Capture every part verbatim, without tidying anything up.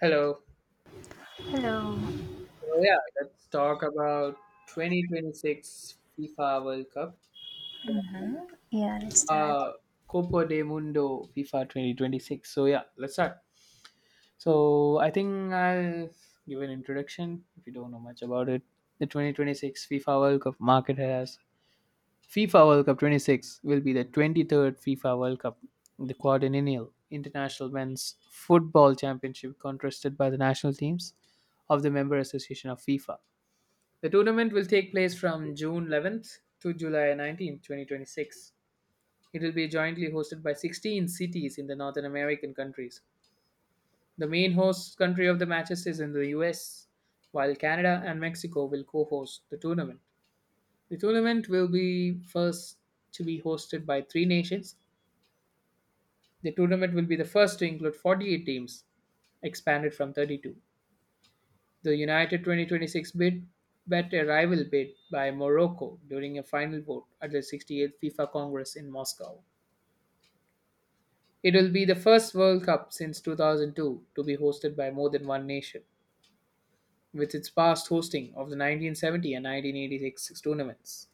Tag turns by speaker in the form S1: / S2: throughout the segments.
S1: Hello.
S2: Hello.
S1: So yeah, let's talk about twenty twenty-six FIFA World Cup.
S2: Hmm. Yeah, let's start.
S1: Uh, Copa de Mundo FIFA twenty twenty-six. So yeah, let's start. So I think I'll give an introduction if you don't know much about it. The twenty twenty-six FIFA World Cup market has FIFA World Cup twenty-six will be the twenty-third FIFA World Cup, the quadrennial international men's football championship contested by the national teams of the member association of FIFA. The tournament will take place from June eleventh to July nineteenth, twenty 2026. It will be jointly hosted by sixteen cities in the Northern American countries. The main host country of the matches is in the U S, while Canada and Mexico will co host the tournament. The tournament will be first to be hosted by three nations. The tournament will be the first to include forty-eight teams, expanded from thirty-two. The United twenty twenty-six bid bet a rival bid by Morocco during a final vote at the sixty-eighth FIFA Congress in Moscow. It will be the first World Cup since two thousand two to be hosted by more than one nation, with its past hosting of the nineteen seventy and nineteen eighty-six tournaments.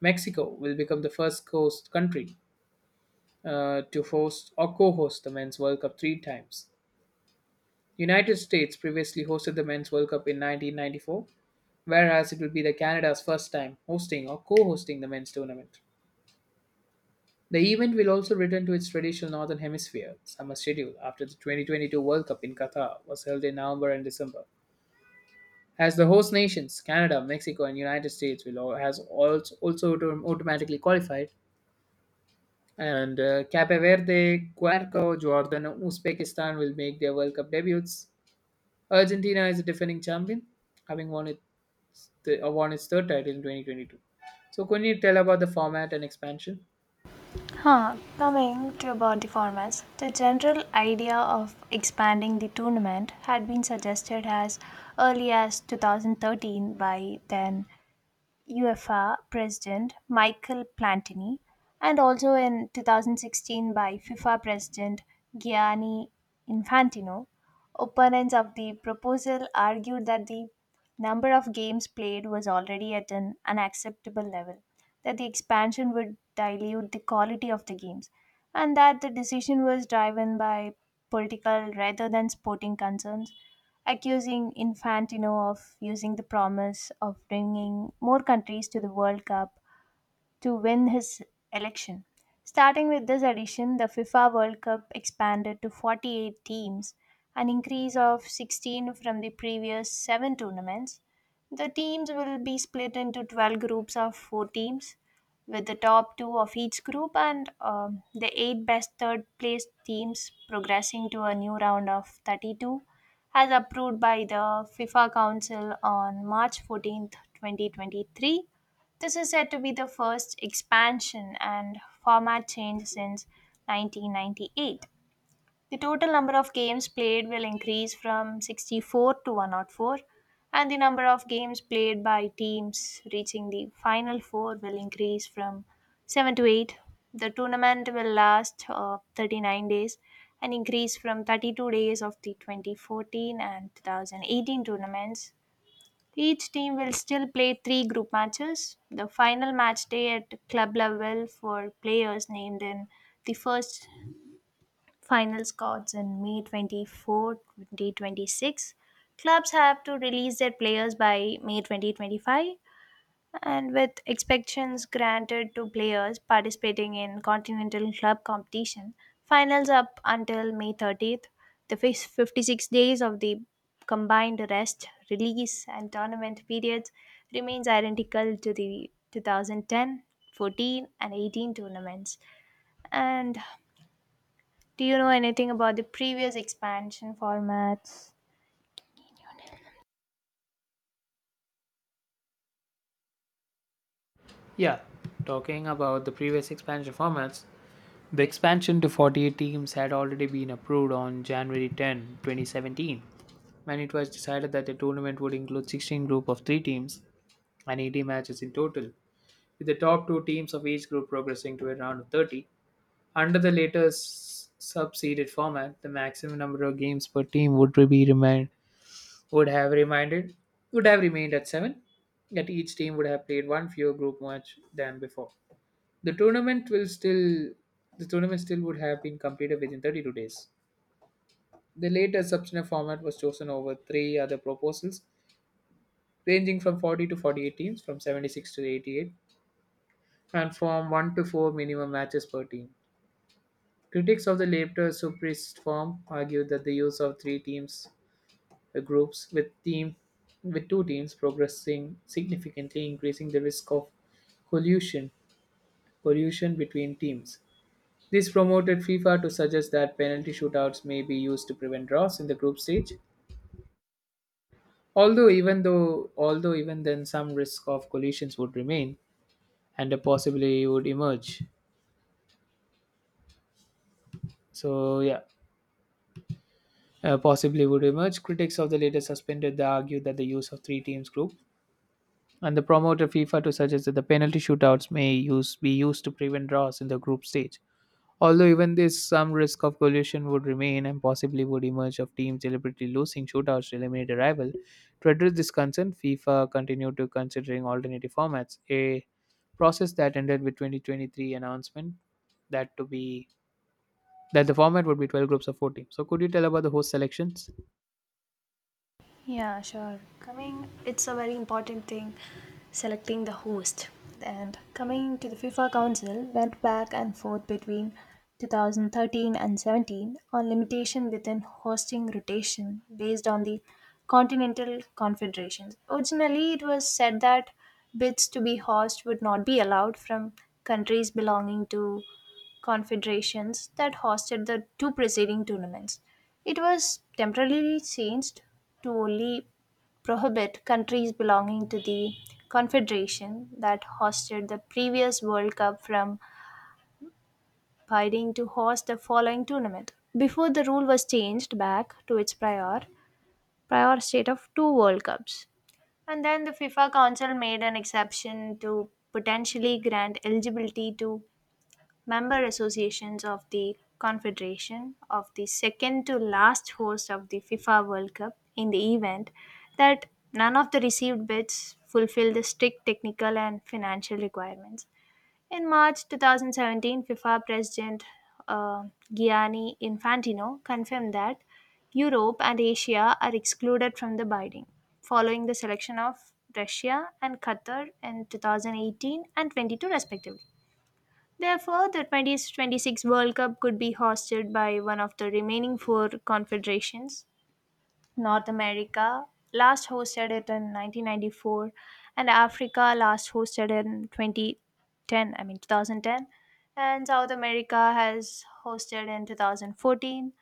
S1: Mexico will become the first host country uh, to host or co-host the Men's World Cup three times. United States previously hosted the Men's World Cup in nineteen ninety-four, whereas it will be the Canada's first time hosting or co-hosting the men's tournament. The event will also return to its traditional Northern Hemisphere summer schedule after the twenty twenty-two World Cup in Qatar was held in November and December. As the host nations, Canada, Mexico, and United States will all, has also, also autom- automatically qualified, and uh, Cape Verde, Guerco, Jordan, and Uzbekistan will make their World Cup debuts. Argentina is the defending champion, having won it the won its third title in twenty twenty-two. So, can you tell about the format and expansion?
S2: Huh. Coming to about the formats, the general idea of expanding the tournament had been suggested as early as two thousand thirteen by then UEFA President Michael Platini, and also in twenty sixteen by FIFA President Gianni Infantino. Opponents of the proposal argued that the number of games played was already at an unacceptable level, that the expansion would dilute the quality of the games, and that the decision was driven by political rather than sporting concerns, accusing Infantino of using the promise of bringing more countries to the World Cup to win his election. Starting with this edition, the FIFA World Cup expanded to forty-eight teams, an increase of sixteen from the previous seven tournaments. The teams will be split into twelve groups of four teams, with the top two of each group and um, the eight best third place teams progressing to a new round of thirty-two, as approved by the FIFA Council on March fourteenth, twenty twenty-three. This is said to be the first expansion and format change since nineteen ninety-eight. The total number of games played will increase from sixty-four to one hundred four, and the number of games played by teams reaching the final four will increase from seven to eight. The tournament will last uh, thirty-nine days, an increase from thirty-two days of the twenty fourteen and two thousand eighteen tournaments. Each team will still play three group matches. The final match day at club level for players named in the first final squads in May twenty-fourth twenty twenty-six. Clubs have to release their players by May twenty twenty-five, and with expectations granted to players participating in continental club competition finals up until may thirtieth. The fif- fifty-six days of the combined rest release and tournament periods remains identical to the two thousand ten, fourteen, and eighteen tournaments. And do you know anything about the previous expansion formats?
S1: Yeah, talking about the previous expansion formats, the expansion to forty-eight teams had already been approved on January tenth, twenty seventeen, when it was decided that the tournament would include sixteen group of three teams and eighty matches in total, with the top two teams of each group progressing to a round of thirty. Under the later s- sub-seeded format, the maximum number of games per team would be remain would have reminded would have remained at seven, yet each team would have played one fewer group match than before. the tournament will still the tournament still would have been completed within thirty-two days. The later substantive format was chosen over three other proposals, ranging from forty to forty-eight teams, from seventy-six to eighty-eight, and from one to four minimum matches per team. Critics of the later superist form argued that the use of three teams uh, groups with team with two teams progressing significantly increasing the risk of collusion collusion between teams. This promoted FIFA to suggest that penalty shootouts may be used to prevent draws in the group stage. Although even though although even then some risk of collisions would remain and a possibly would emerge. So yeah, uh, possibly would emerge. Critics of the later suspended the argue that the use of three teams group. And the promoter FIFA to suggest that the penalty shootouts may use be used to prevent draws in the group stage. Although even this some risk of collusion would remain and possibly would emerge of teams deliberately losing shootouts to eliminate a rival. To address this concern, FIFA continued to considering alternative formats, a process that ended with twenty twenty-three announcement that to be that the format would be twelve groups of four teams. So could you tell about the host selections,
S2: Yeah, sure. Coming, it's a very important thing selecting the host. And coming to the FIFA Council, went back and forth between twenty thirteen and seventeen on limitation within hosting rotation based on the continental confederations. Originally, it was said that bids to be host would not be allowed from countries belonging to confederations that hosted the two preceding tournaments. It was temporarily changed to only prohibit countries belonging to the confederation that hosted the previous World Cup from biding to host the following tournament. Before the rule was changed back to its prior prior state of two World Cups. And then the FIFA Council made an exception to potentially grant eligibility to member associations of the Confederation of the second to last host of the FIFA World Cup in the event that none of the received bids fulfilled the strict technical and financial requirements. In March two thousand seventeen, FIFA President uh, Gianni Infantino confirmed that Europe and Asia are excluded from the bidding, following the selection of Russia and Qatar in two thousand eighteen and twenty-two, respectively. Therefore, the twenty twenty-six World Cup could be hosted by one of the remaining four confederations. North America last hosted it in nineteen ninety-four, and Africa last hosted in two thousand ten, I mean two thousand ten, and South America has hosted in twenty fourteen,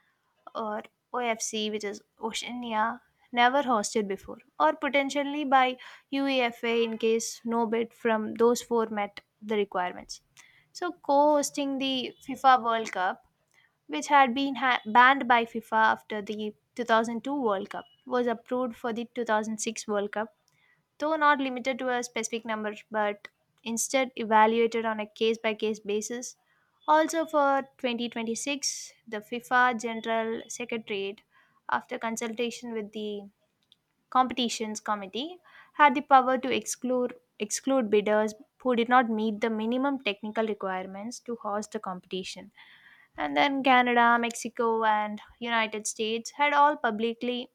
S2: or O F C, which is Oceania, never hosted before, or potentially by UEFA in case no bid from those four met the requirements. So, co hosting the FIFA World Cup, which had been ha- banned by FIFA after the two thousand two World Cup, was approved for the two thousand six World Cup, though not limited to a specific number, but instead evaluated on a case by case basis. Also, for twenty twenty-six, the FIFA General Secretariat, after consultation with the Competitions Committee, had the power to exclude, exclude bidders who did not meet the minimum technical requirements to host the competition. And then Canada, Mexico, and United States had all publicly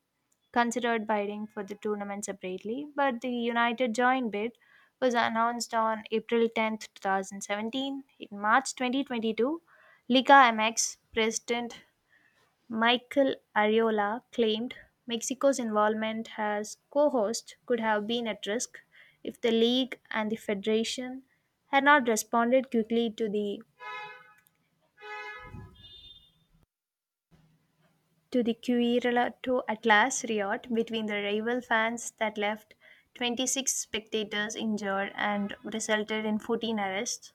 S2: considered bidding for the tournament separately, but the United joint bid was announced on April tenth, two two thousand seventeen. In March twenty twenty-two, Liga M X president Michael Ariola claimed Mexico's involvement as co host could have been at risk if the league and the federation had not responded quickly to the to the Quirrell to Atlas riot between the rival fans that left twenty-six spectators injured and resulted in fourteen arrests.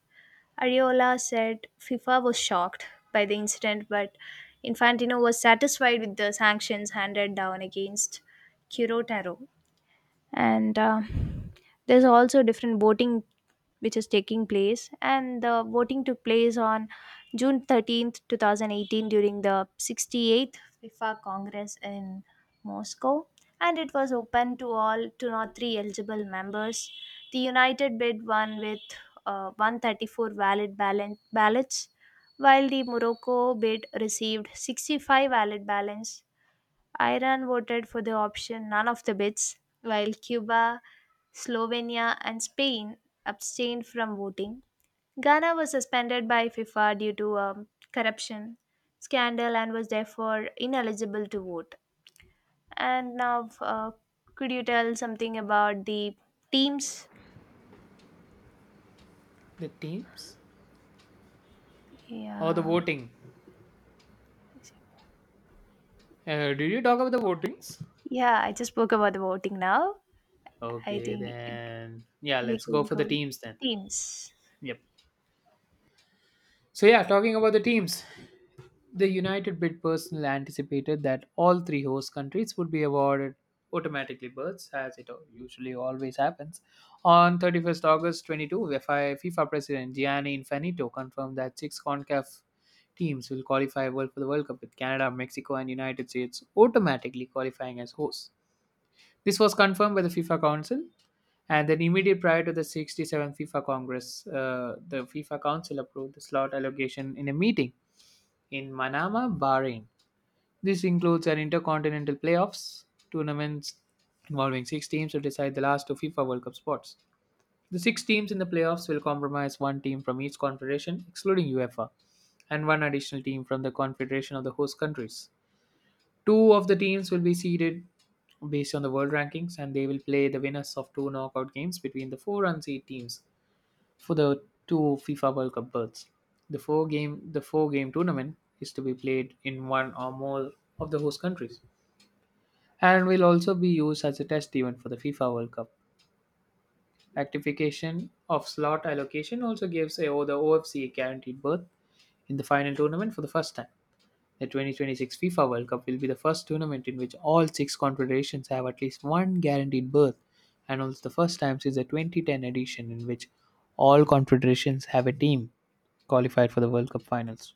S2: Ariola said FIFA was shocked by the incident, but Infantino was satisfied with the sanctions handed down against Quirotaro. And uh, there's also different voting which is taking place, and the voting took place on june thirteenth two thousand eighteen during the sixty-eighth fifa congress in moscow, and it was open to all two not three eligible members. The united bid won with uh, one hundred thirty-four valid ballan- ballots, while the morocco bid received sixty-five valid ballots. Iran voted for the option none of the bids, while Cuba, Slovenia, and Spain abstained from voting. Ghana was suspended by FIFA due to a corruption scandal and was therefore ineligible to vote. And now, uh, could you tell something about the teams?
S1: the teams or the
S2: Yeah,
S1: voting? Uh, did you talk about the votings?
S2: yeah. I just spoke about the voting now. I
S1: Okay,
S2: think it,
S1: then yeah,
S2: we
S1: let's go
S2: could
S1: for the
S2: go
S1: teams then.
S2: teams.
S1: Yep. So yeah, talking about the teams, the United bid personal anticipated that all three host countries would be awarded automatically berths, as it al- usually always happens. On thirty-first August twenty-two, FIFA FIFA President Gianni Infantino confirmed that six CONCACAF teams will qualify world for the World Cup with Canada, Mexico, and United States automatically qualifying as hosts. This was confirmed by the FIFA Council, and then immediately prior to the sixty-seventh FIFA Congress, uh, the FIFA Council approved the slot allocation in a meeting in Manama, Bahrain. This includes an intercontinental playoffs tournaments involving six teams to decide the last two FIFA World Cup spots. The six teams in the playoffs will comprise one team from each confederation, excluding UEFA, and one additional team from the confederation of the host countries. Two of the teams will be seeded based on the world rankings, and they will play the winners of two knockout games between the four unseeded teams for the two FIFA World Cup berths. The four game the four game tournament is to be played in one or more of the host countries, and will also be used as a test event for the FIFA World Cup. Rectification of slot allocation also gives AO the O F C a guaranteed berth in the final tournament for the first time. The twenty twenty-six FIFA World Cup will be the first tournament in which all six confederations have at least one guaranteed berth, and also the first time since the twenty ten edition in which all confederations have a team qualified for the World Cup finals.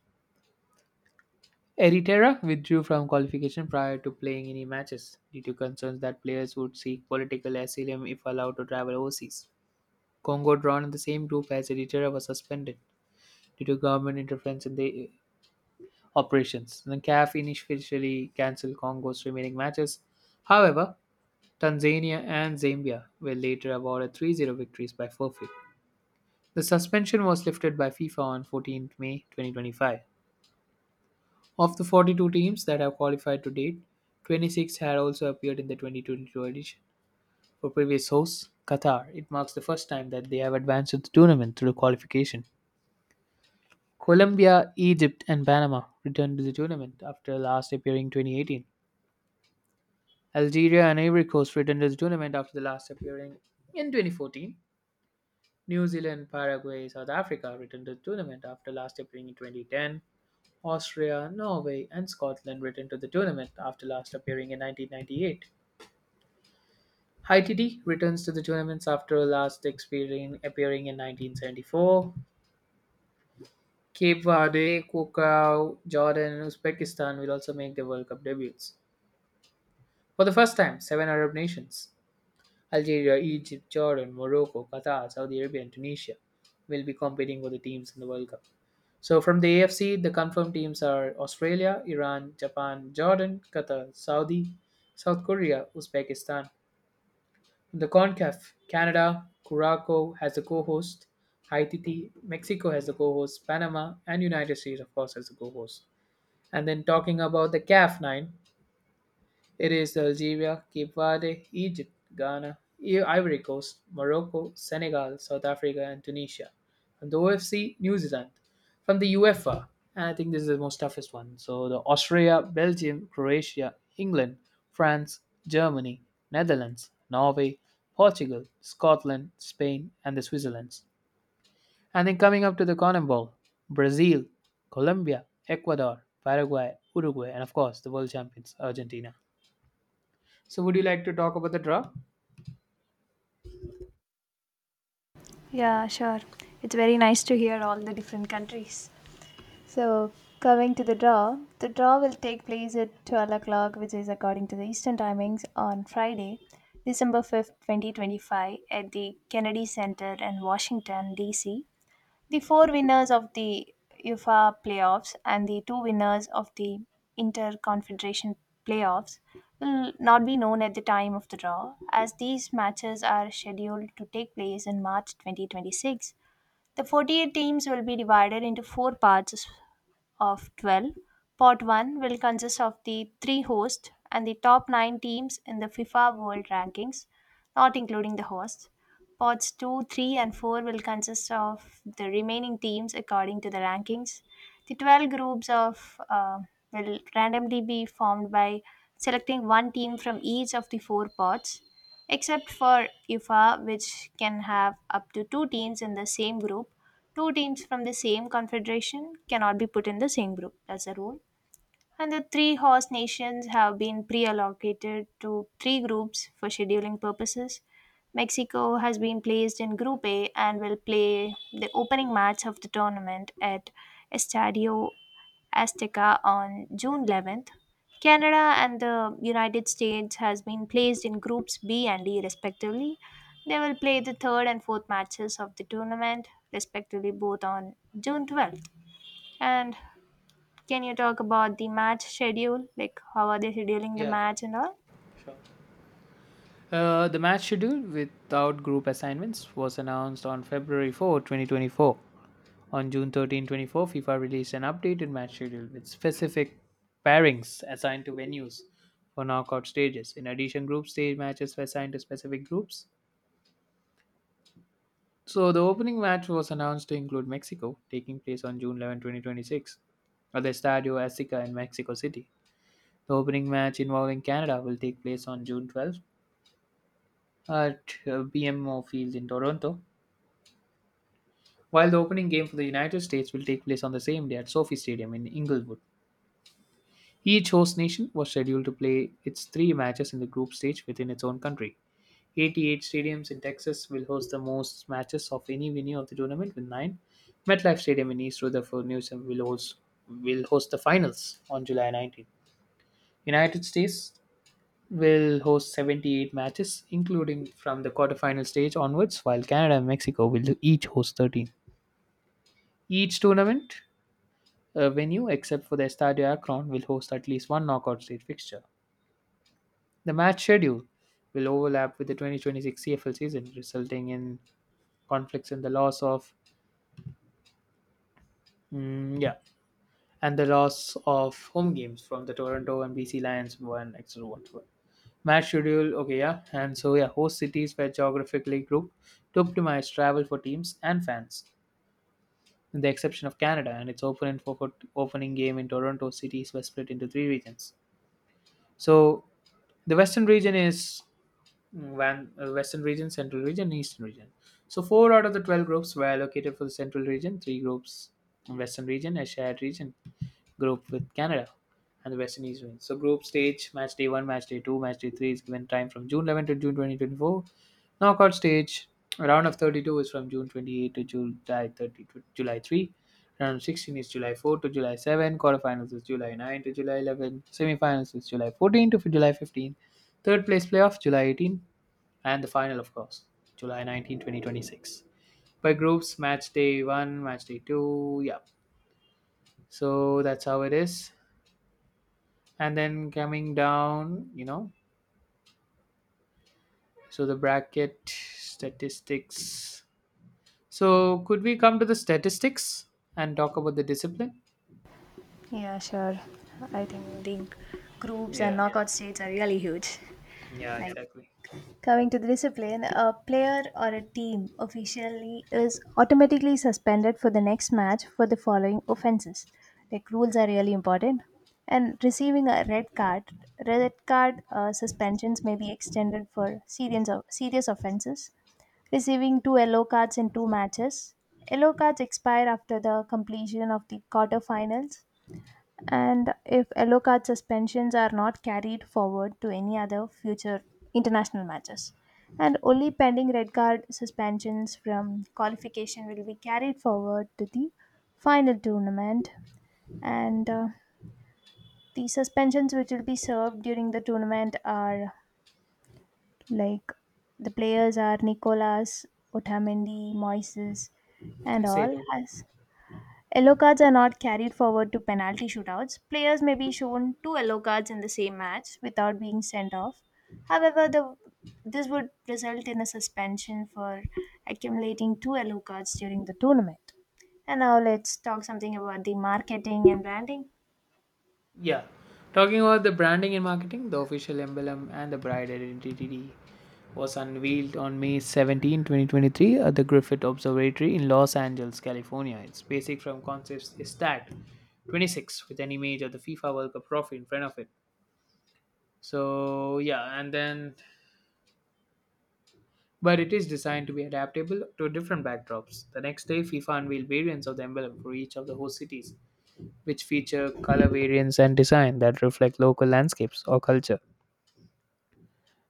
S1: Eritrea withdrew from qualification prior to playing any matches due to concerns that players would seek political asylum if allowed to travel overseas. Congo, drawn in the same group as Eritrea, was suspended due to government interference in the operations. The CAF initially cancelled Congo's remaining matches. However, Tanzania and Zambia were later awarded 3 0 victories by forfeit. The suspension was lifted by FIFA on fourteenth of May twenty twenty-five. Of the forty-two teams that have qualified to date, twenty-six had also appeared in the twenty twenty-two edition. For previous hosts, Qatar, it marks the first time that they have advanced to the tournament through qualification. Colombia, Egypt, and Panama returned to the tournament after last appearing twenty eighteen. Algeria and Ivory Coast returned to the tournament after the last appearing in twenty fourteen. New Zealand, Paraguay, South Africa returned to the tournament after last appearing in twenty ten. Austria, Norway, and Scotland returned to the tournament after last appearing in nineteen ninety-eight. Haiti returns to the tournaments after last experien- appearing in nineteen seventy-four. Cape Verde, Cocao, Jordan, and Uzbekistan will also make their World Cup debuts. For the first time, seven Arab nations: Algeria, Egypt, Jordan, Morocco, Qatar, Saudi Arabia, and Tunisia will be competing for the teams in the World Cup. So from the A F C, the confirmed teams are Australia, Iran, Japan, Jordan, Qatar, Saudi, South Korea, Uzbekistan. From the CONCACAF, Canada, Curacao has the co-host, Haiti, Mexico has the co-host, Panama, and United States, of course, has the co-host. And then talking about the CAF nine, it is Algeria, Cape Verde, Egypt, Ghana, I- Ivory Coast, Morocco, Senegal, South Africa, and Tunisia. From the O F C, New Zealand. From the UEFA, and I think this is the most toughest one. So the Austria, Belgium, Croatia, England, France, Germany, Netherlands, Norway, Portugal, Scotland, Spain, and the Switzerland. And then coming up to the CONMEBOL, Brazil, Colombia, Ecuador, Paraguay, Uruguay, and of course the world champions, Argentina. So, would you like to talk about the draw?
S2: Yeah, sure. It's very nice to hear all the different countries. So, coming to the draw, the draw will take place at twelve o'clock, which is according to the Eastern timings, on Friday, December fifth, twenty twenty-five, at the Kennedy Center in Washington, D C. The four winners of the UEFA playoffs and the two winners of the Interconfederation playoffs will not be known at the time of the draw, as these matches are scheduled to take place in March twenty twenty-six. The forty-eight teams will be divided into four parts of twelve. Part one will consist of the three hosts and the top nine teams in the FIFA World Rankings, not including the hosts. Pots two, three, and four will consist of the remaining teams according to the rankings. The twelve groups of uh, will randomly be formed by selecting one team from each of the four pots, except for FIFA, which can have up to two teams in the same group. Two teams from the same confederation cannot be put in the same group. That's a rule. And the three host nations have been pre allocated to three groups for scheduling purposes. Mexico has been placed in Group A and will play the opening match of the tournament at Estadio Azteca on June eleventh. Canada and the United States has been placed in groups B and D respectively. They will play the third and fourth matches of the tournament respectively, both on June twelfth. And can you talk about the match schedule? Like, how are they scheduling the
S1: Yeah,
S2: match and all?
S1: sure. Uh, the match schedule without group assignments was announced on February fourth, twenty twenty-four. On June thirteenth, twenty-four, FIFA released an updated match schedule with specific pairings assigned to venues for knockout stages. In addition, group stage matches were assigned to specific groups. So the opening match was announced to include Mexico, taking place on June eleventh, twenty twenty-six, at the Estadio Azteca in Mexico City. The opening match involving Canada will take place on June twelfth at uh, B M O Field in Toronto, while the opening game for the United States will take place on the same day at SoFi Stadium in Inglewood. Each host nation was scheduled to play its three matches in the group stage within its own country. eighty-eight stadiums in Texas will host the most matches of any venue of the tournament with nine. MetLife Stadium in East Rutherford, New Hampshire will host, will host the finals on July nineteenth. United States will host seventy-eight matches, including from the quarterfinal stage onwards, while Canada and Mexico will each host thirteen. Each tournament uh, venue, except for the Estadio Akron, will host at least one knockout stage fixture. The match schedule will overlap with the twenty twenty-six C F L season, resulting in conflicts and the loss of, mm, yeah, and the loss of home games from the Toronto and B C Lions, one et cetera. My schedule, okay, yeah. And so, yeah, host cities were geographically grouped to optimize travel for teams and fans, with the exception of Canada. And its opening for, for opening game in Toronto cities were split into three regions. So, the Western region is Van, uh, Western region, Central region, Eastern region. So, four out of the twelve groups were allocated for the Central region, three groups, in Western region, a shared region group with Canada and the West Indies win. So group stage, match day one, match day two, match day three is given time from June eleventh to June twenty twenty-four. Knockout stage, round of thirty-two is from June twenty-eighth to July thirtieth to July third. Round of sixteen is July fourth to July seventh. Quarterfinals is July ninth to July eleventh. Semifinals is July fourteenth to July fifteenth. Third place playoff July eighteenth, and the final, of course, July nineteenth twenty twenty-six. By groups, match day one, match day two, yeah. So that's how it is, and then coming down, you know so the bracket statistics. So could we come to the statistics and talk about the discipline?
S2: Yeah, sure. I think the groups and
S1: Yeah,
S2: knockout stages are really huge.
S1: yeah,
S2: Like,
S1: exactly.
S2: coming to the discipline, a player or a team officially is automatically suspended for the next match for the following offenses. Like, rules are really important, and receiving a red card, red card uh, suspensions may be extended for serious serious offenses, receiving two yellow cards in two matches. Yellow cards expire after the completion of the quarterfinals, and if yellow card suspensions are not carried forward to any other future international matches, and only pending red card suspensions from qualification will be carried forward to the final tournament, and uh, the suspensions which will be served during the tournament are like the players are Nicolas Otamendi, Moises,
S1: I
S2: and
S1: say
S2: all.
S1: no.
S2: As yellow cards are not carried forward to penalty shootouts, players may be shown two yellow cards in the same match without being sent off. However, the this would result in a suspension for accumulating two yellow cards during the tournament. And now let's talk something about the marketing and branding.
S1: Yeah, talking about the branding and marketing, the official emblem and the bride identity was unveiled on May seventeenth, twenty twenty-three at the Griffith Observatory in Los Angeles, California. Its basic from concepts is tagged twenty-six with an image of the FIFA World Cup trophy in front of it. So yeah, and then but it is designed to be adaptable to different backdrops. The next day, FIFA unveiled variants of the emblem for each of the host cities, which feature color variants and design that reflect local landscapes or culture.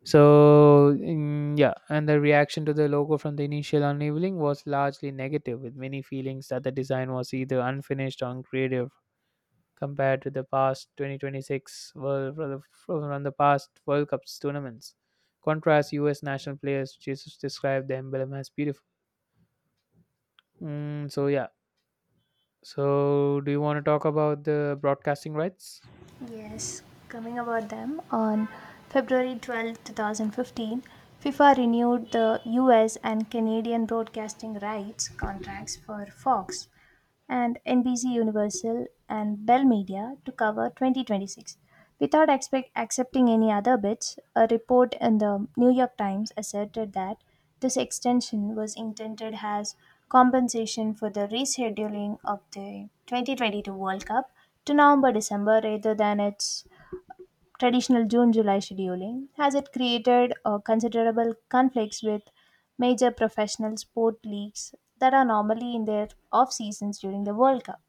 S1: So mm, yeah, and the reaction to the logo from the initial unveiling was largely negative, with many feelings that the design was either unfinished or uncreative compared to the past twenty twenty-six World from the from the past World Cups tournaments. Contrast U S national players, Jesus described the emblem as beautiful. Mm, so yeah. So do you want to talk about the broadcasting rights?
S2: Yes, coming about them, on February twelfth, twenty fifteen, FIFA renewed the U S and Canadian broadcasting rights contracts for Fox and N B C Universal and Bell Media to cover twenty twenty-six. Without expect, accepting any other bids, a report in the New York Times asserted that this extension was intended as compensation for the rescheduling of the twenty twenty-two World Cup to November-December rather than its traditional June-July scheduling, as it created uh, considerable conflicts with major professional sport leagues that are normally in their off seasons during the World Cup.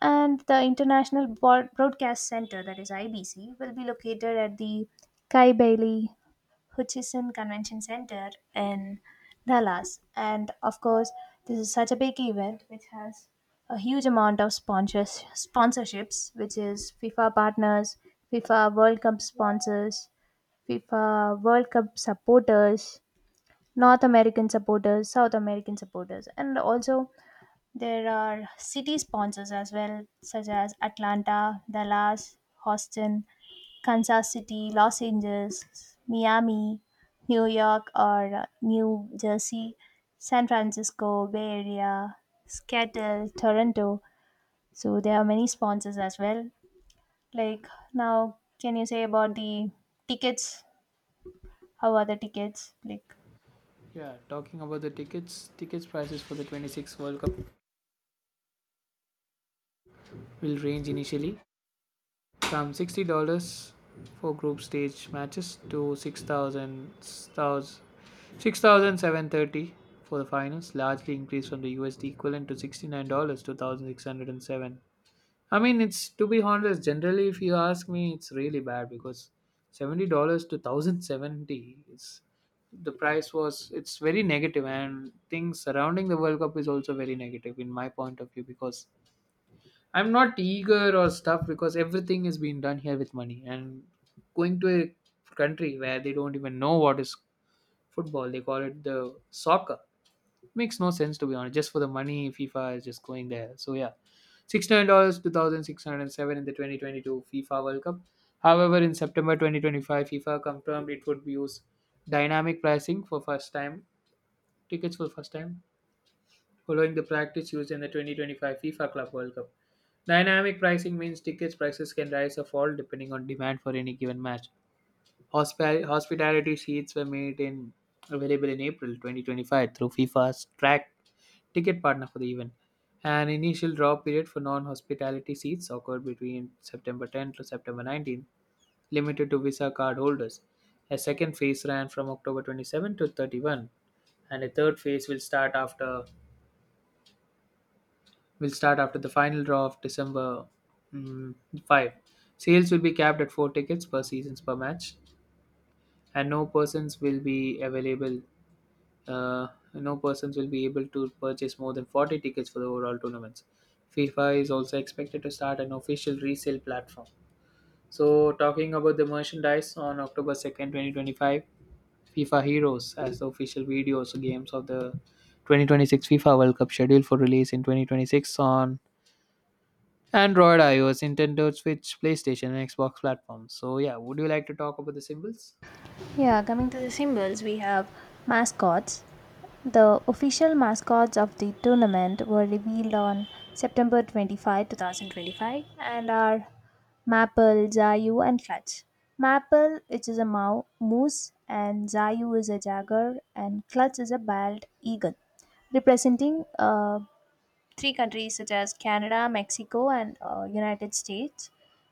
S2: And the International Broad- Broadcast Center, that is I B C, will be located at the Kai Bailey Hutchison Convention Center in Dallas. And of course, this is such a big event which has a huge amount of sponsors sponsorships, which is FIFA partners, FIFA World Cup sponsors, FIFA World Cup supporters, North American supporters, South American supporters, and also there are city sponsors as well, such as Atlanta, Dallas, Houston, Kansas City, Los Angeles, Miami, New York or uh, New Jersey, San Francisco, Bay Area, Seattle, Toronto. So there are many sponsors as well. Like, now, can you say about the tickets? How are the tickets? Like,
S1: Yeah, talking about the tickets, tickets prices for the twenty-six World Cup will range initially from sixty dollars for group stage matches to six thousand six thousand seven thirty for the finals, largely increased from the U S D equivalent to sixty-nine dollars two thousand six hundred seven. I mean, it's, to be honest, generally if you ask me, it's really bad because seventy dollars to one thousand seventy, it's, the price was, it's very negative, and things surrounding the world cup is also very negative in my point of view, because I'm not eager or stuff, because everything is being done here with money. And going to a country where they don't even know what is football, they call it the soccer. Makes no sense, to be honest. Just for the money, FIFA is just going there. So yeah, sixty nine dollars, two thousand six hundred and seven in the twenty twenty two FIFA World Cup. However, in September twenty twenty five, FIFA confirmed it would use dynamic pricing for first time tickets for first time following the practice used in the twenty twenty-five FIFA Club World Cup. Dynamic pricing means tickets prices can rise or fall depending on demand for any given match. Hospi- hospitality sheets were made in available in April twenty twenty-five through FIFA's track ticket partner for the event. An initial draw period for non-hospitality seats occurred between September tenth to September nineteenth, limited to Visa card holders. A second phase ran from October twenty-seventh to thirty-first, and a third phase will start after will start after the final draw of December mm, fifth. Sales will be capped at four tickets per seasons per match, and no persons will be available uh, no persons will be able to purchase more than forty tickets for the overall tournaments. FIFA is also expected to start an official resale platform. So, talking about the merchandise, on October second, twenty twenty-five, FIFA Heroes as the official videos games of the twenty twenty-six FIFA World Cup scheduled for release in twenty twenty-six on Android, iOS, Nintendo Switch, PlayStation, and Xbox platforms. So, yeah, would you like to talk about the symbols?
S2: yeah, coming to the symbols, we have mascots. The official mascots of the tournament were revealed on September twenty-fifth, two thousand 25, two thousand twenty-five, and are Maple, Zayu, and Clutch. Maple, which is a mou- moose, and Zayu is a jaguar, and Clutch is a bald eagle, representing uh, three countries such as Canada, Mexico, and uh, United States,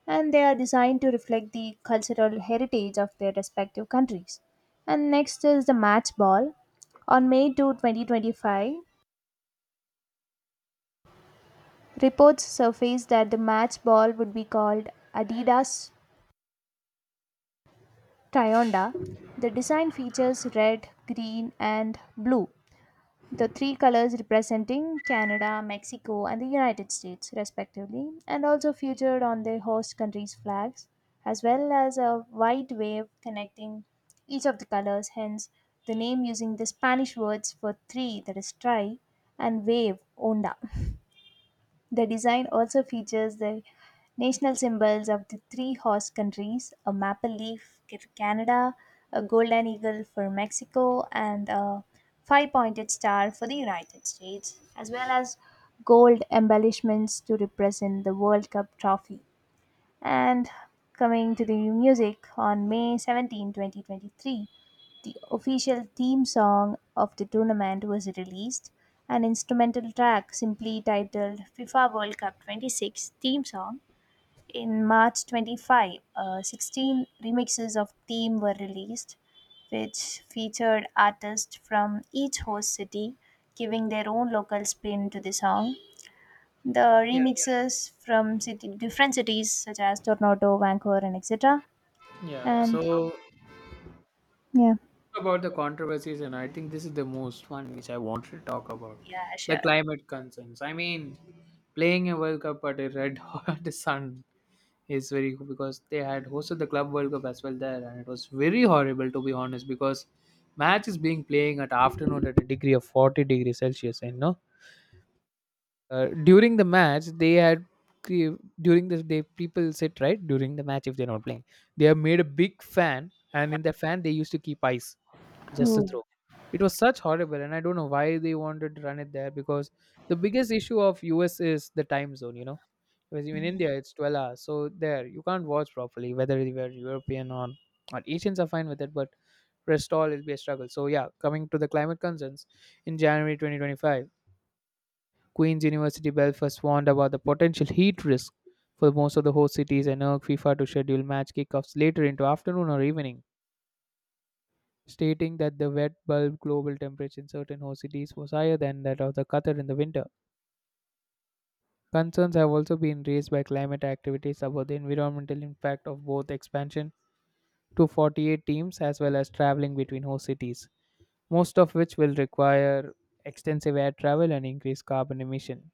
S2: and they are designed to reflect the cultural heritage of their respective countries. And next is the match ball. On May second, twenty twenty-five, reports surfaced that the match ball would be called Adidas Trionda. The design features red, green, and blue, the three colors representing Canada, Mexico, and the United States, respectively, and also featured on the host countries' flags, as well as a wide wave connecting each of the colors, hence the name using the Spanish words for three, that is tri, and wave, onda. The design also features the national symbols of the three host countries: a maple leaf for Canada, a golden eagle for Mexico, and a five pointed star for the United States, as well as gold embellishments to represent the World Cup trophy. And coming to the music, on May seventeenth, twenty twenty-three, the official theme song of the tournament was released, an instrumental track simply titled FIFA World Cup twenty-six Theme Song. In March 25, uh, sixteen remixes of theme were released, which featured artists from each host city giving their own local spin to the song, the
S1: Yeah.
S2: remixes from city, different cities such as Toronto, Vancouver, and et cetera.
S1: Yeah,
S2: And
S1: so
S2: yeah.
S1: about the controversies, and I think this is the most one which I wanted to talk about
S2: Yeah,
S1: the
S2: sure.
S1: climate concerns. I mean, playing a World Cup at a red hot sun is very good, because they had hosted the Club World Cup as well there, and it was very horrible, to be honest, because match is being playing at afternoon at a degree of forty degrees Celsius, and no. Uh, during the match, they had cre- during the day people sit right during the match if they're not playing. They have made a big fan, and in that fan they used to keep ice just to
S2: Ooh.
S1: throw. It was such horrible, and I don't know why they wanted to run it there, because the biggest issue of U S is the time zone. You know, because in India it's twelve hours, so there you can't watch properly. Whether you were European or or Asians are fine with it, but rest all will be a struggle. So yeah, coming to the climate concerns, in January twenty twenty-five Queen's University Belfast warned about the potential heat risk for most of the host cities and urged FIFA to schedule match kickoffs later into afternoon or evening, stating that the wet bulb global temperature in certain host cities was higher than that of the Qatar in the winter. Concerns have also been raised by climate activities about the environmental impact of both expansion to forty-eight teams as well as traveling between host cities, most of which will require extensive air travel and increased carbon emission.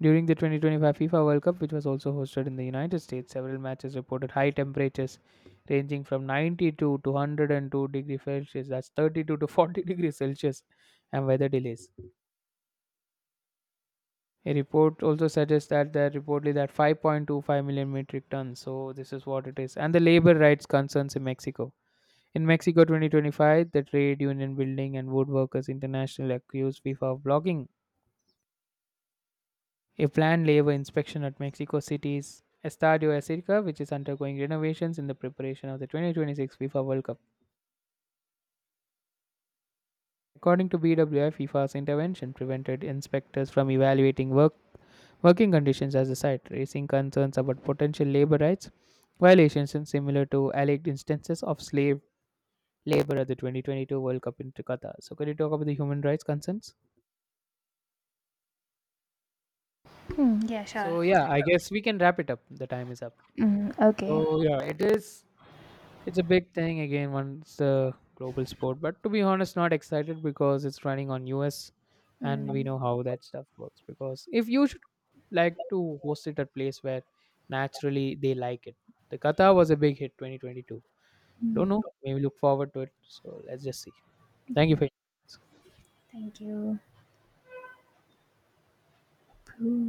S1: During the twenty twenty-five FIFA World Cup, which was also hosted in the United States, several matches reported high temperatures ranging from ninety-two to one hundred and two degrees Celsius, that's thirty-two to forty degrees Celsius, and weather delays. A report also suggests that there reportedly that five point two five million metric tons, so this is what it is. And the labor rights concerns in Mexico. In Mexico twenty twenty-five, the Trade Union Building and Woodworkers International accused FIFA of blocking a planned labor inspection at Mexico City's Estadio Azteca, which is undergoing renovations in the preparation of the twenty twenty-six FIFA World Cup. According to B W I, FIFA's intervention prevented inspectors from evaluating work, working conditions at the site, raising concerns about potential labor rights violations and similar to alleged instances of slave labor at the twenty twenty-two World Cup in Qatar. So, could you talk about the human rights concerns?
S2: Hmm, yeah, sure.
S1: So, yeah, I guess we can wrap it up. The time is up.
S2: Mm, okay.
S1: So, yeah, it is it's a big thing again once the global sport, but to be honest, not excited because it's running on U S, and we
S2: Mm,
S1: know how that stuff works. Because if you should like to host it at place where naturally they like it. The Qatar was a big hit twenty twenty-two.
S2: mm,
S1: Don't know, maybe look forward to it. So let's just see. Thank you
S2: yeah.
S1: for your
S2: Thank you. Ooh.